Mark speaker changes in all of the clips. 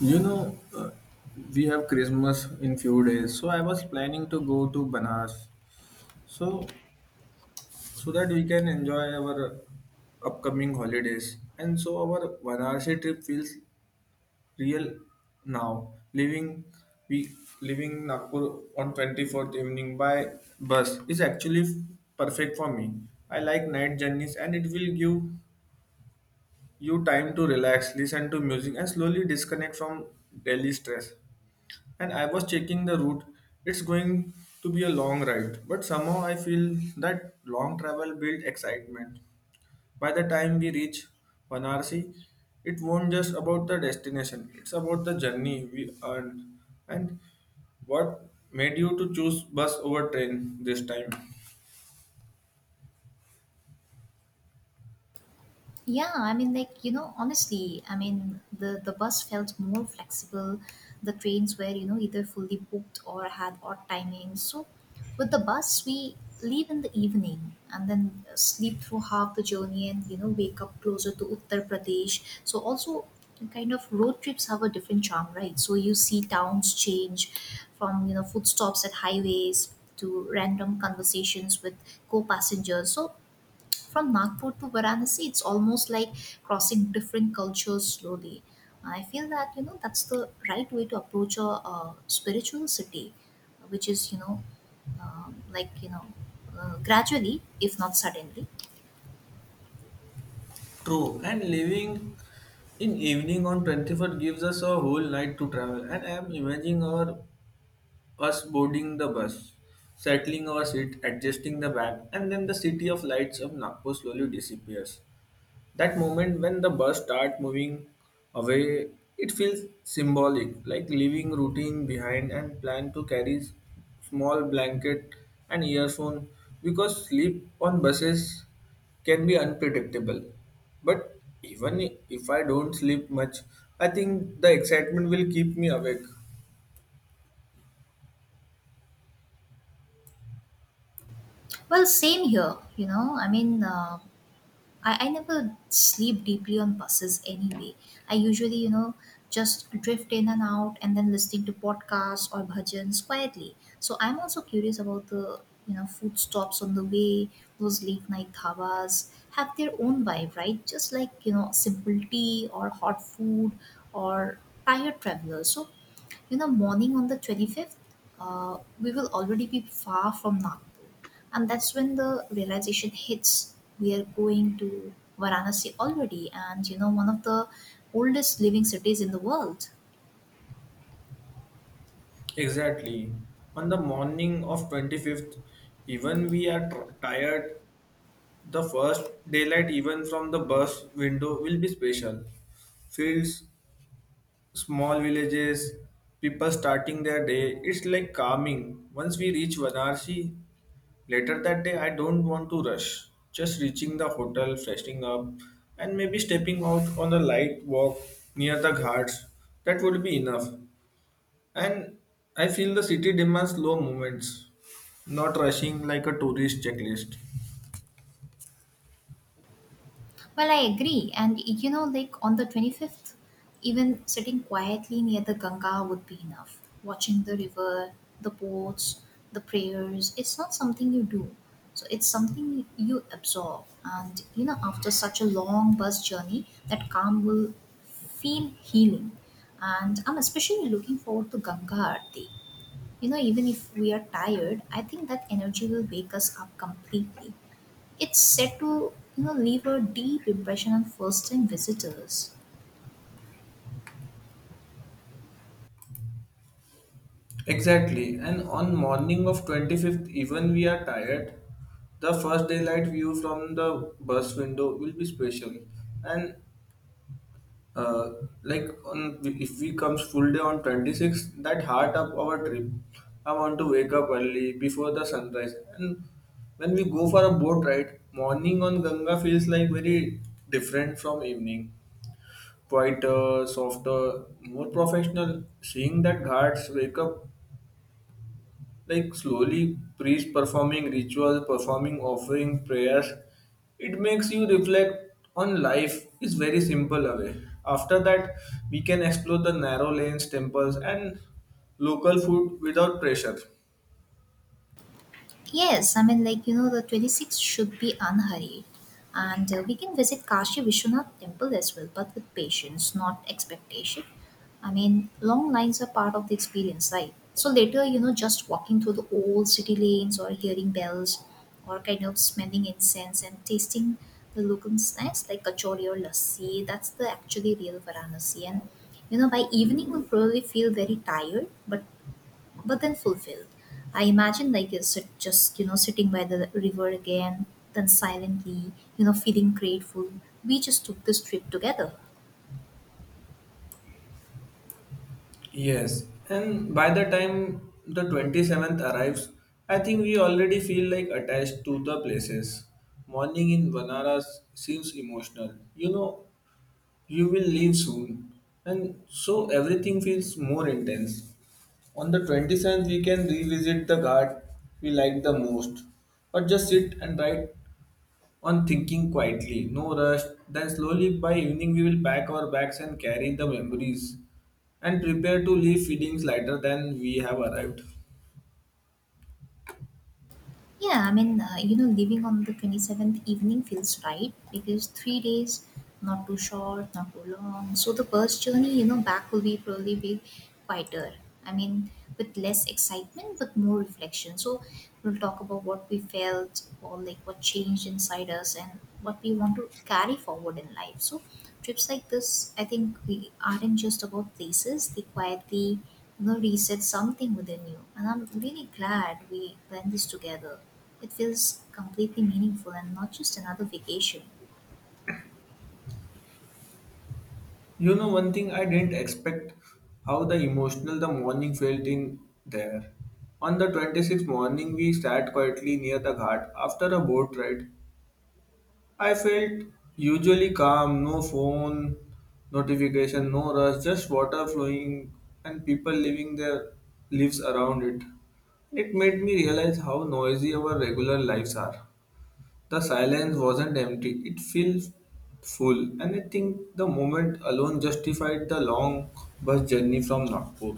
Speaker 1: You know, uh, we have Christmas in few days, so I was planning to go to Banaras, so so that we can enjoy our upcoming holidays, and so our Varanasi trip feels real now. We Leaving Nagpur on 24th evening by bus is actually perfect for me. I like night journeys, and it will give you time to relax, listen to music, and slowly disconnect from daily stress. And I was checking the route. It's going to be a long ride, but somehow I feel that long travel builds excitement. By the time we reach Banarsi, it won't just about the destination. It's about the journey we earned and what made you to choose bus over train this time.
Speaker 2: Yeah, I mean, like, honestly, I mean, the bus felt more flexible. The trains were, either fully booked or had odd timings. So, with the bus, we leave in the evening and then sleep through half the journey and, wake up closer to Uttar Pradesh. So, also, kind of road trips have a different charm, right? So, you see towns change from, food stops at highways to random conversations with co passengers. So, from Nagpur to Varanasi, it's almost like crossing different cultures slowly. I feel that that's the right way to approach a, spiritual city, which is um, like you know gradually, if not suddenly.
Speaker 1: True, and living in evening on 21st gives us a whole night to travel. And I am imagining our us boarding the bus, settling our seat, adjusting the bag, and then the city of lights of Nagpur slowly disappears, that moment when the bus start moving away. It feels symbolic, like leaving routine behind, and plan to carry small blanket and earphone because sleep on buses can be unpredictable. But even if I don't sleep much, I think the excitement will keep me awake.
Speaker 2: Well, same here. I mean. I never sleep deeply on buses anyway. I usually, just drift in and out and then listening to podcasts or bhajans quietly. So I'm also curious about the, food stops on the way. Those late night dhabas have their own vibe, right? Just like, simple tea or hot food or tired travelers. So morning on the 25th, we will already be far from Nagpur. And that's when the realization hits. We are going to Varanasi already, and one of the oldest living cities in the world.
Speaker 1: Exactly, on the morning of 25th, even we are tired. The first daylight, even from the bus window, will be special. Fields, small villages, people starting their day. It's like calming. Once we reach Varanasi later that day, I don't want to rush. Just reaching the hotel, freshening up, and maybe stepping out on a light walk near the ghats. That would be enough. And I feel the city demands slow movements, not rushing like a tourist checklist.
Speaker 2: Well, I agree. And like on the 25th, even sitting quietly near the Ganga would be enough. Watching the river, the boats, the prayers, it's not something you do. So it's something you absorb. And after such a long bus journey, that calm will feel healing. And I'm especially looking forward to Ganga Aarti. Even if we are tired, I think that energy will wake us up completely. It's set to leave a deep impression on first-time visitors.
Speaker 1: Exactly, and on morning of 25th, even we are tired, the first daylight view from the bus window will be special. And uh, like on, if we comes full day on 26th, that heart up our trip. I want to wake up early before the sunrise. And when we go for a boat ride, morning on Ganga feels like very different from evening. Quieter, softer, more professional. Seeing that ghats wake up, like slowly priest performing rituals, performing offering prayers, it makes you reflect on life is very simple away. After that, we can explore the narrow lanes, temples, and local food without pressure.
Speaker 2: Yes, I mean, like, the 26th should be unhurried. And we can visit Kashi Vishwanath temple as well, but with patience, not expectation. I mean, long lines are part of the experience, right? So later, just walking through the old city lanes or hearing bells or kind of smelling incense and tasting the local snacks like kachori or lassi, that's the actually real Varanasi. And, by evening, we'll probably feel very tired, but then fulfilled. I imagine like just sitting by the river again, then silently feeling grateful. We just took this trip together.
Speaker 1: Yes, and by the time the 27th arrives, I think we already feel like attached to the places. Morning in Banaras seems emotional. You know, you will leave soon, and so everything feels more intense. On the 27th, we can revisit the guard we like the most, or just sit and write on, thinking quietly, no rush. Then slowly by evening we will pack our bags and carry the memories, and prepare to leave feelings lighter than we have arrived.
Speaker 2: Yeah, I mean, leaving on the 27th evening feels right because 3 days, not too short, not too long. So the bus journey, back will be probably be quieter. I mean, with less excitement, but more reflection. So we'll talk about what we felt or like what changed inside us and what we want to carry forward in life. So trips like this, I think we aren't just about places, they quietly reset something within you. And I'm really glad we planned this together. It feels completely meaningful and not just another vacation.
Speaker 1: You know, one thing I didn't expect, how the emotional the morning felt in there. On the 26th morning, we sat quietly near the ghat after a boat ride. I felt usually calm, no phone notification, no rush, just water flowing and people living their lives around it. It made me realize how noisy our regular lives are. The silence wasn't empty, it felt full, and I think the moment alone justified the long bus journey from Nagpur.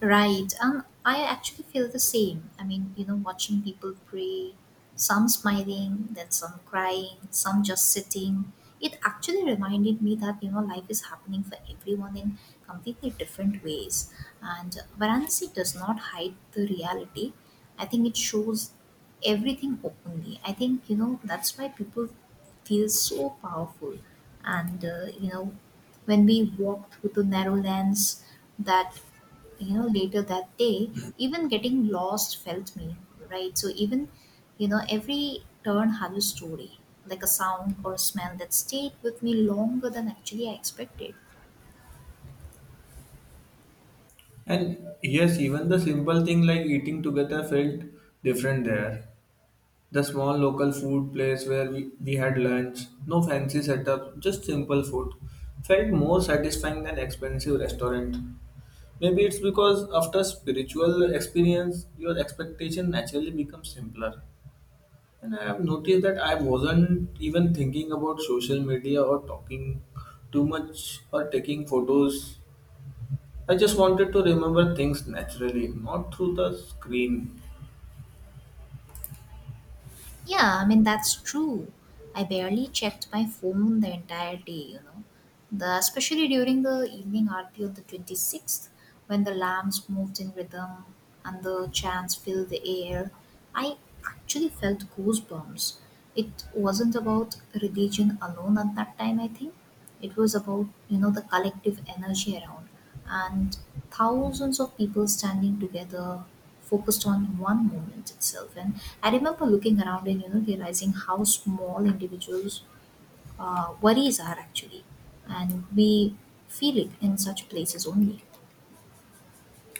Speaker 2: Right. And I actually feel the same. I mean, watching people pray, some smiling, then some crying, some just sitting. It actually reminded me that, life is happening for everyone in completely different ways. And Varanasi does not hide the reality. I think it shows everything openly. I think, that's why people feel so powerful. And, when we walk through the narrow lands that later that day, even getting lost felt meaningful, right? So even every turn had a story, like a sound or a smell that stayed with me longer than actually I expected.
Speaker 1: And yes, even the simple thing like eating together felt different there. The small local food place where we had lunch, no fancy setup, just simple food, felt more satisfying than expensive restaurant. Maybe it's because after spiritual experience, your expectation naturally becomes simpler. And I have noticed that I wasn't even thinking about social media or talking too much or taking photos. I just wanted to remember things naturally, not through the screen.
Speaker 2: Yeah, I mean, that's true. I barely checked my phone the entire day. Especially during the evening aarti on the 26th, when the lamps moved in rhythm and the chants filled the air, I actually felt goosebumps. It wasn't about religion alone at that time, I think. It was about, the collective energy around and thousands of people standing together focused on one moment itself. And I remember looking around and, realizing how small individuals' worries are actually. And we feel it in such places only.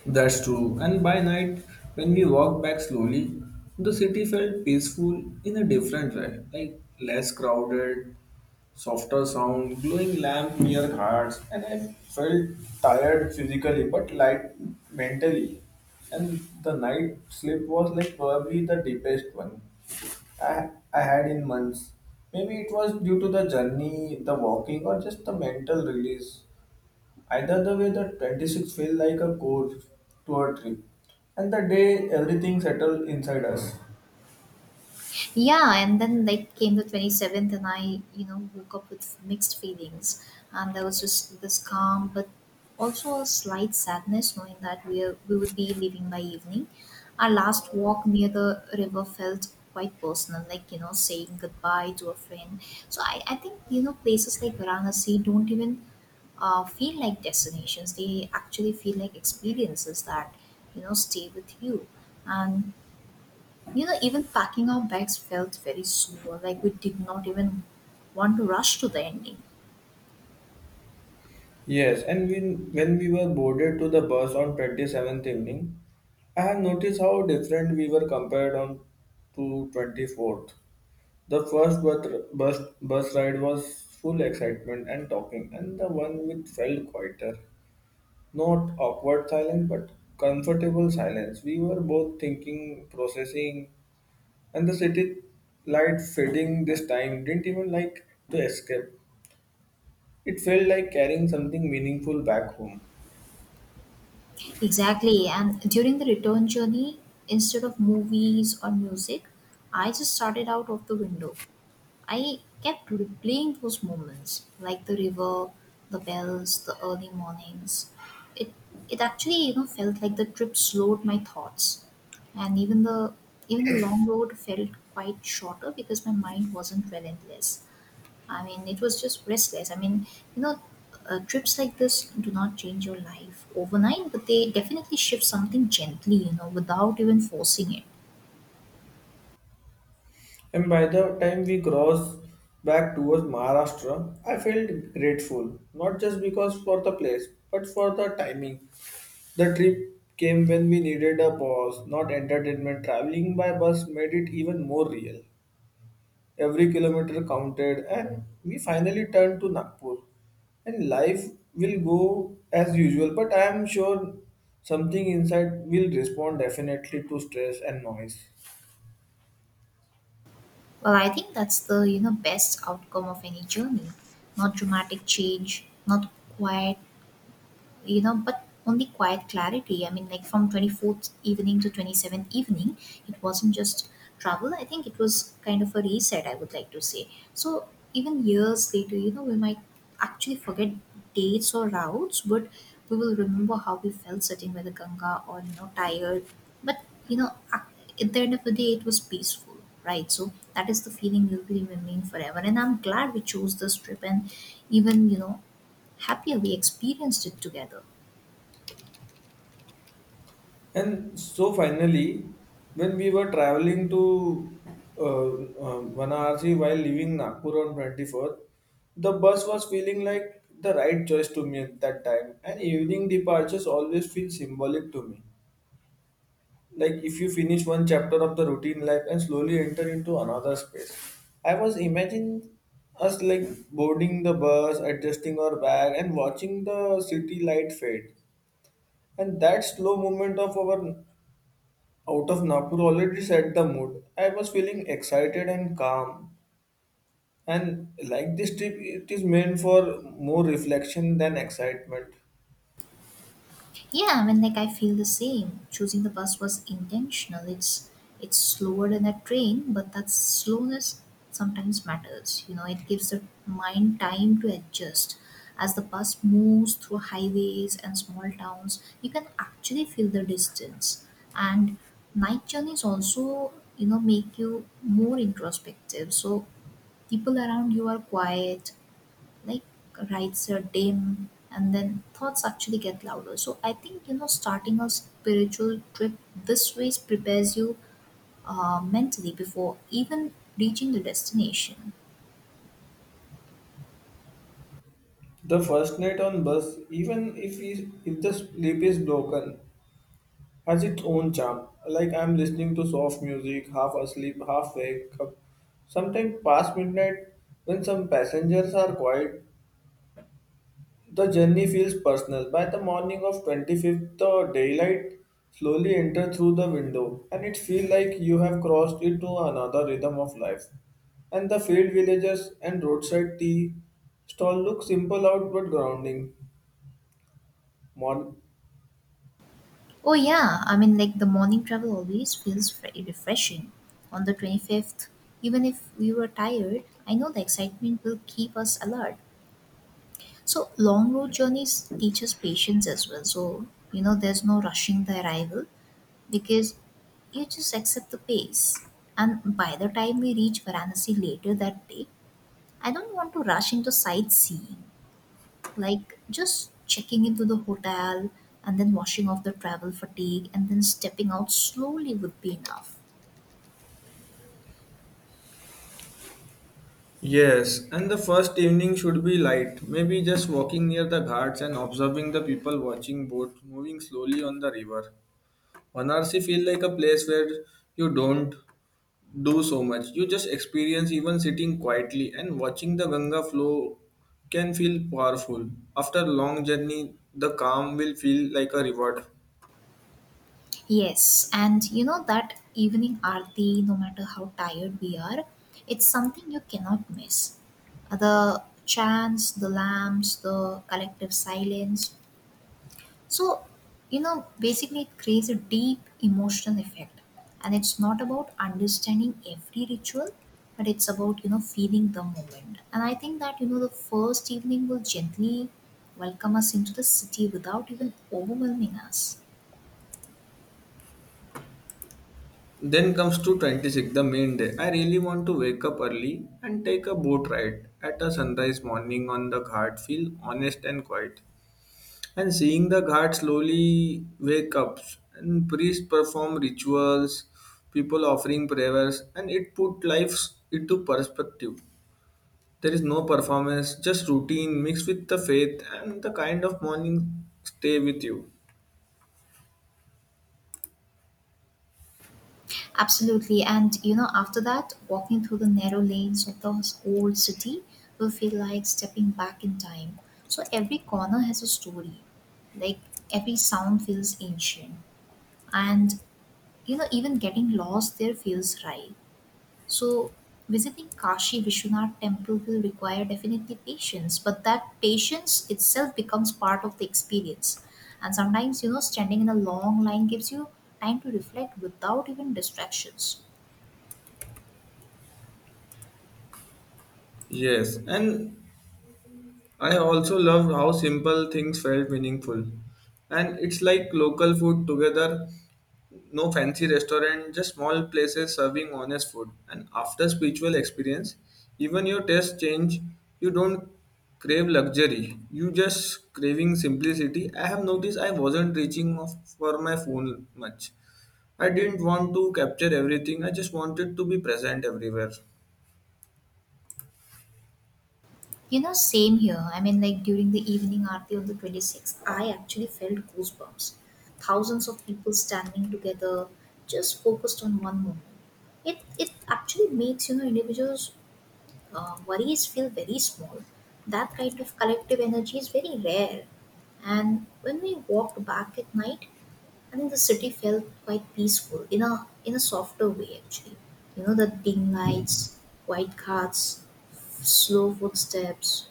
Speaker 1: That's true. And by night, when we walked back slowly, the city felt peaceful in a different way. Like less crowded, softer sound, glowing lamp near hearts, and I felt tired physically but light mentally. And the night sleep was like probably the deepest one I had in months. Maybe it was due to the journey, the walking, or just the mental release. Either the way, the 26 feel like a course to a trip, and the day everything settled inside us.
Speaker 2: Yeah, and then like came the 27th, and I woke up with mixed feelings. And there was just this calm but also a slight sadness, knowing that we would be leaving by evening. Our last walk near the river felt quite personal, like saying goodbye to a friend. So I think places like Varanasi don't even feel like destinations. They actually feel like experiences that stay with you. And even packing our bags felt very slow, like we did not even want to rush to the ending.
Speaker 1: Yes, and when we were boarded to the bus on 27th evening, I have noticed how different we were compared on to 24th. The bus ride was full excitement and talking, and the one with felt quieter. Not awkward silence, but comfortable silence. We were both thinking, processing, and the city light fading this time didn't even like to escape. It felt like carrying something meaningful back home.
Speaker 2: Exactly, and during the return journey, instead of movies or music, I just started out of the window. I kept replaying those moments, like the river, the bells, the early mornings. It it actually felt like the trip slowed my thoughts, and even the long road felt quite shorter because my mind wasn't relentless. I mean, it was just restless. I mean, you know, trips like this do not change your life overnight, but they definitely shift something gently, without even forcing it.
Speaker 1: And by the time we crossed back towards Maharashtra, I felt grateful, not just because for the place, but for the timing. The trip came when we needed a pause, not entertainment. Traveling by bus made it even more real. Every kilometer counted, and we finally turned to Nagpur. And life will go as usual, but I am sure something inside will respond definitely to stress and noise.
Speaker 2: Well, I think that's the, best outcome of any journey. Not dramatic change, not quiet but only quiet clarity. I mean, like from 24th evening to 27th evening, it wasn't just travel. I think it was kind of a reset, I would like to say. So even years later, we might actually forget dates or routes, but we will remember how we felt sitting by the Ganga, or tired, but at the end of the day it was peaceful. Right, so that is the feeling we will remain forever, and I'm glad we chose this trip, and even happier we experienced it together.
Speaker 1: And so finally, when we were traveling to Varanasi while leaving Nagpur on 24th, the bus was feeling like the right choice to me at that time. And evening departures always feel symbolic to me, like if you finish one chapter of the routine life and slowly enter into another space. I was imagining us like boarding the bus, adjusting our bag, and watching the city light fade, and that slow movement of our out of Napur already set the mood. I was feeling excited and calm. And like this trip, it is meant for more reflection than excitement.
Speaker 2: Yeah, I mean, like I feel the same. Choosing the bus was intentional. It's slower than a train, but that slowness sometimes matters. It gives the mind time to adjust. As the bus moves through highways and small towns, you can actually feel the distance. And night journeys also, make you more introspective. So people around you are quiet, like rights are dim and then thoughts actually get louder. So I think starting a spiritual trip this way prepares you mentally before even reaching the destination.
Speaker 1: The first night on bus, even if, if the sleep is broken, has its own charm. Like I'm listening to soft music, half asleep, half wake up. Sometimes past midnight, when some passengers are quiet, the journey feels personal. By the morning of 25th, the daylight slowly enters through the window, and it feels like you have crossed into another rhythm of life. And the field villages and roadside tea stall look simple out but grounding. Morning.
Speaker 2: Oh yeah, I mean, like the morning travel always feels very refreshing. On the 25th, even if we were tired, I know the excitement will keep us alert. So long road journeys teach us patience as well. So there's no rushing the arrival, because you just accept the pace. And by the time we reach Varanasi later that day, I don't want to rush into sightseeing, like just checking into the hotel and then washing off the travel fatigue and then stepping out slowly would be enough.
Speaker 1: Yes, and the first evening should be light, maybe just walking near the ghats and observing the people watching boats moving slowly on the river. Banarsi feel like a place where you don't do so much. You just experience even sitting quietly and watching the Ganga flow can feel powerful. After long journey, the calm will feel like a reward.
Speaker 2: Yes, and that evening aarti, no matter how tired we are, it's something you cannot miss. The chants, the lamps, the collective silence. So, basically it creates a deep emotional effect. And it's not about understanding every ritual, but it's about, feeling the moment. And I think that, the first evening will gently welcome us into the city without even overwhelming us.
Speaker 1: Then comes 226, the main day. I really want to wake up early and take a boat ride at a sunrise morning on the ghat, feel honest and quiet. And seeing the ghat slowly wake up and priests perform rituals, people offering prayers, and it put life into perspective. There is no performance, just routine mixed with the faith, and the kind of morning stay with you.
Speaker 2: Absolutely. And, after that, walking through the narrow lanes of the old city will feel like stepping back in time. So every corner has a story. Like every sound feels ancient. And even getting lost there feels right. So visiting Kashi Vishwanath temple will require definitely patience, but that patience itself becomes part of the experience. And sometimes standing in a long line gives you time to reflect without even distractions.
Speaker 1: Yes, and I also loved how simple things felt meaningful. And it's like local food together, no fancy restaurant, just small places serving honest food. And after spiritual experience, even your tastes change. You don't crave luxury. You just craving simplicity. I have noticed I wasn't reaching for my phone much. I didn't want to capture everything. I just wanted to be present everywhere.
Speaker 2: Same here. I mean, like during the evening aarti on the 26th, I actually felt goosebumps. Thousands of people standing together just focused on one moment. It actually makes individuals worries feel very small. That kind of collective energy is very rare. And when we walked back at night, I think the city felt quite peaceful in a softer way actually. The dim lights, white cars, slow footsteps.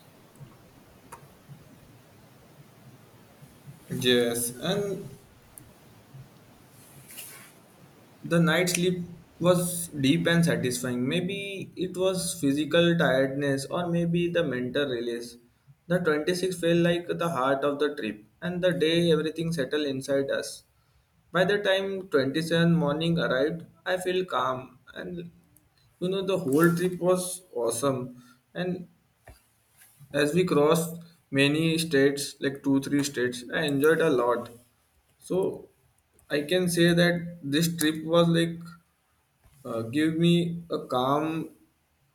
Speaker 1: Yes, and the night sleep was deep and satisfying. Maybe it was physical tiredness or maybe the mental release. The 26 felt like the heart of the trip and the day everything settled inside us. By the time 27 morning arrived, I feel calm, and you know the whole trip was awesome. And as we crossed many states, like two, three states, I enjoyed a lot. So I can say that this trip was like, give me a calm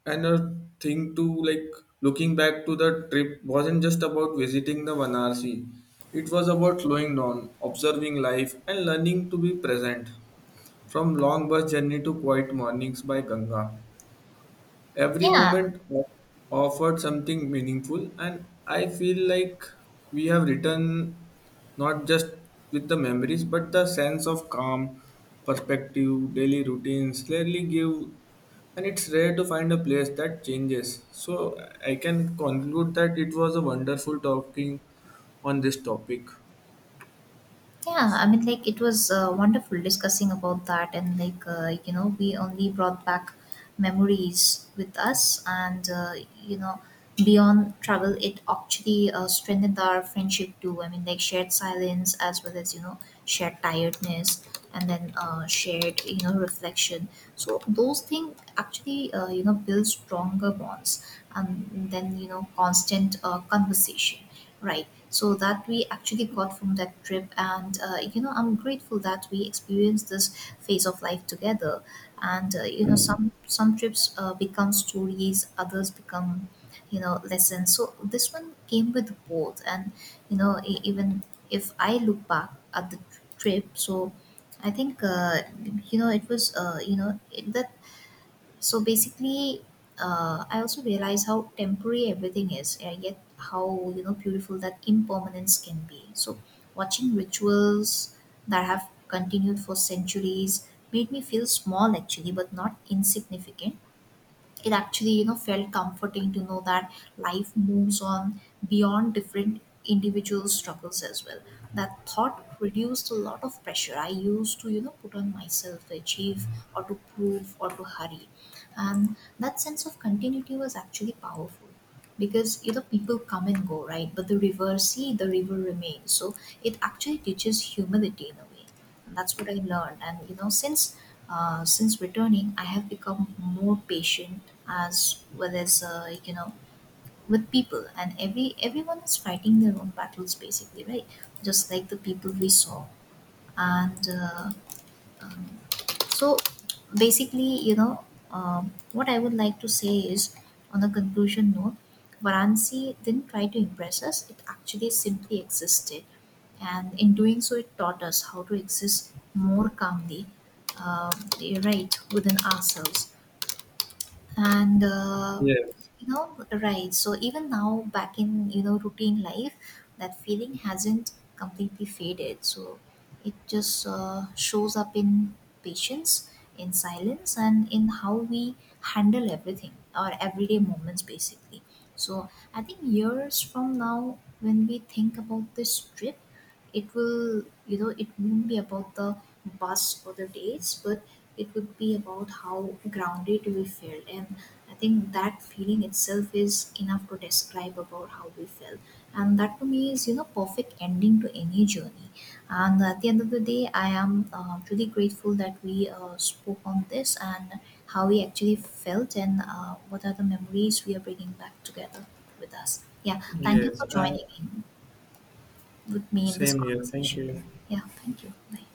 Speaker 1: and a thing to, like, looking back to, the trip wasn't just about visiting the Varanasi. It was about slowing down, observing life, and learning to be present. From long bus journey to quiet mornings by Ganga. Every
Speaker 2: Yeah,
Speaker 1: moment offered something meaningful, and I feel like we have written not just with the memories but the sense of calm, perspective, daily routines rarely give, and it's rare to find a place that changes. So I can conclude that it was a wonderful talking on this topic.
Speaker 2: yeah, I mean, like it was wonderful discussing about that, and like we only brought back memories with us, and you know, beyond travel, it actually strengthened our friendship too. I mean, like shared silence as well as shared tiredness, and then shared reflection. So those things actually build stronger bonds, and then constant conversation. Right. So that we actually got from that trip, and I'm grateful that we experienced this phase of life together. And some trips become stories, others become, lessons. So this one came with both, and even if I look back at the trip, so I think it was you know it, the so basically I also realize how temporary everything is, and yet how beautiful that impermanence can be. So watching rituals that have continued for centuries made me feel small actually, but not insignificant. It actually felt comforting to know that life moves on beyond different individual struggles as well. That thought reduced a lot of pressure I used to put on myself to achieve or to prove or to hurry. And that sense of continuity was actually powerful, because people come and go, right? But the river remains. So it actually teaches humility in a way. And that's what I learned. And since returning, I have become more patient as well as like, with people, and everyone is fighting their own battles basically, right? Just like the people we saw, and um, so basically what I would like to say is, on a conclusion note, Varanasi didn't try to impress us. It actually simply existed, and in doing so it taught us how to exist more calmly, uh, right within ourselves. And
Speaker 1: Yes,
Speaker 2: right, so even now back in routine life, that feeling hasn't completely faded. So it just shows up in patience, in silence, and in how we handle everything, our everyday moments, basically. So I think years from now, when we think about this trip, it will you know it won't be about the bus or the days, but it would be about how grounded we felt. And I think that feeling itself is enough to describe about how we felt, and that to me is perfect ending to any journey. And at the end of the day, I am truly grateful that we spoke on this, and how we actually felt, and what are the memories we are bringing back together with us. Yeah, thank you
Speaker 1: yes,
Speaker 2: for
Speaker 1: uh,
Speaker 2: joining in with me in this
Speaker 1: Same here. Thank
Speaker 2: conversation.
Speaker 1: you.
Speaker 2: Yeah, thank you, bye.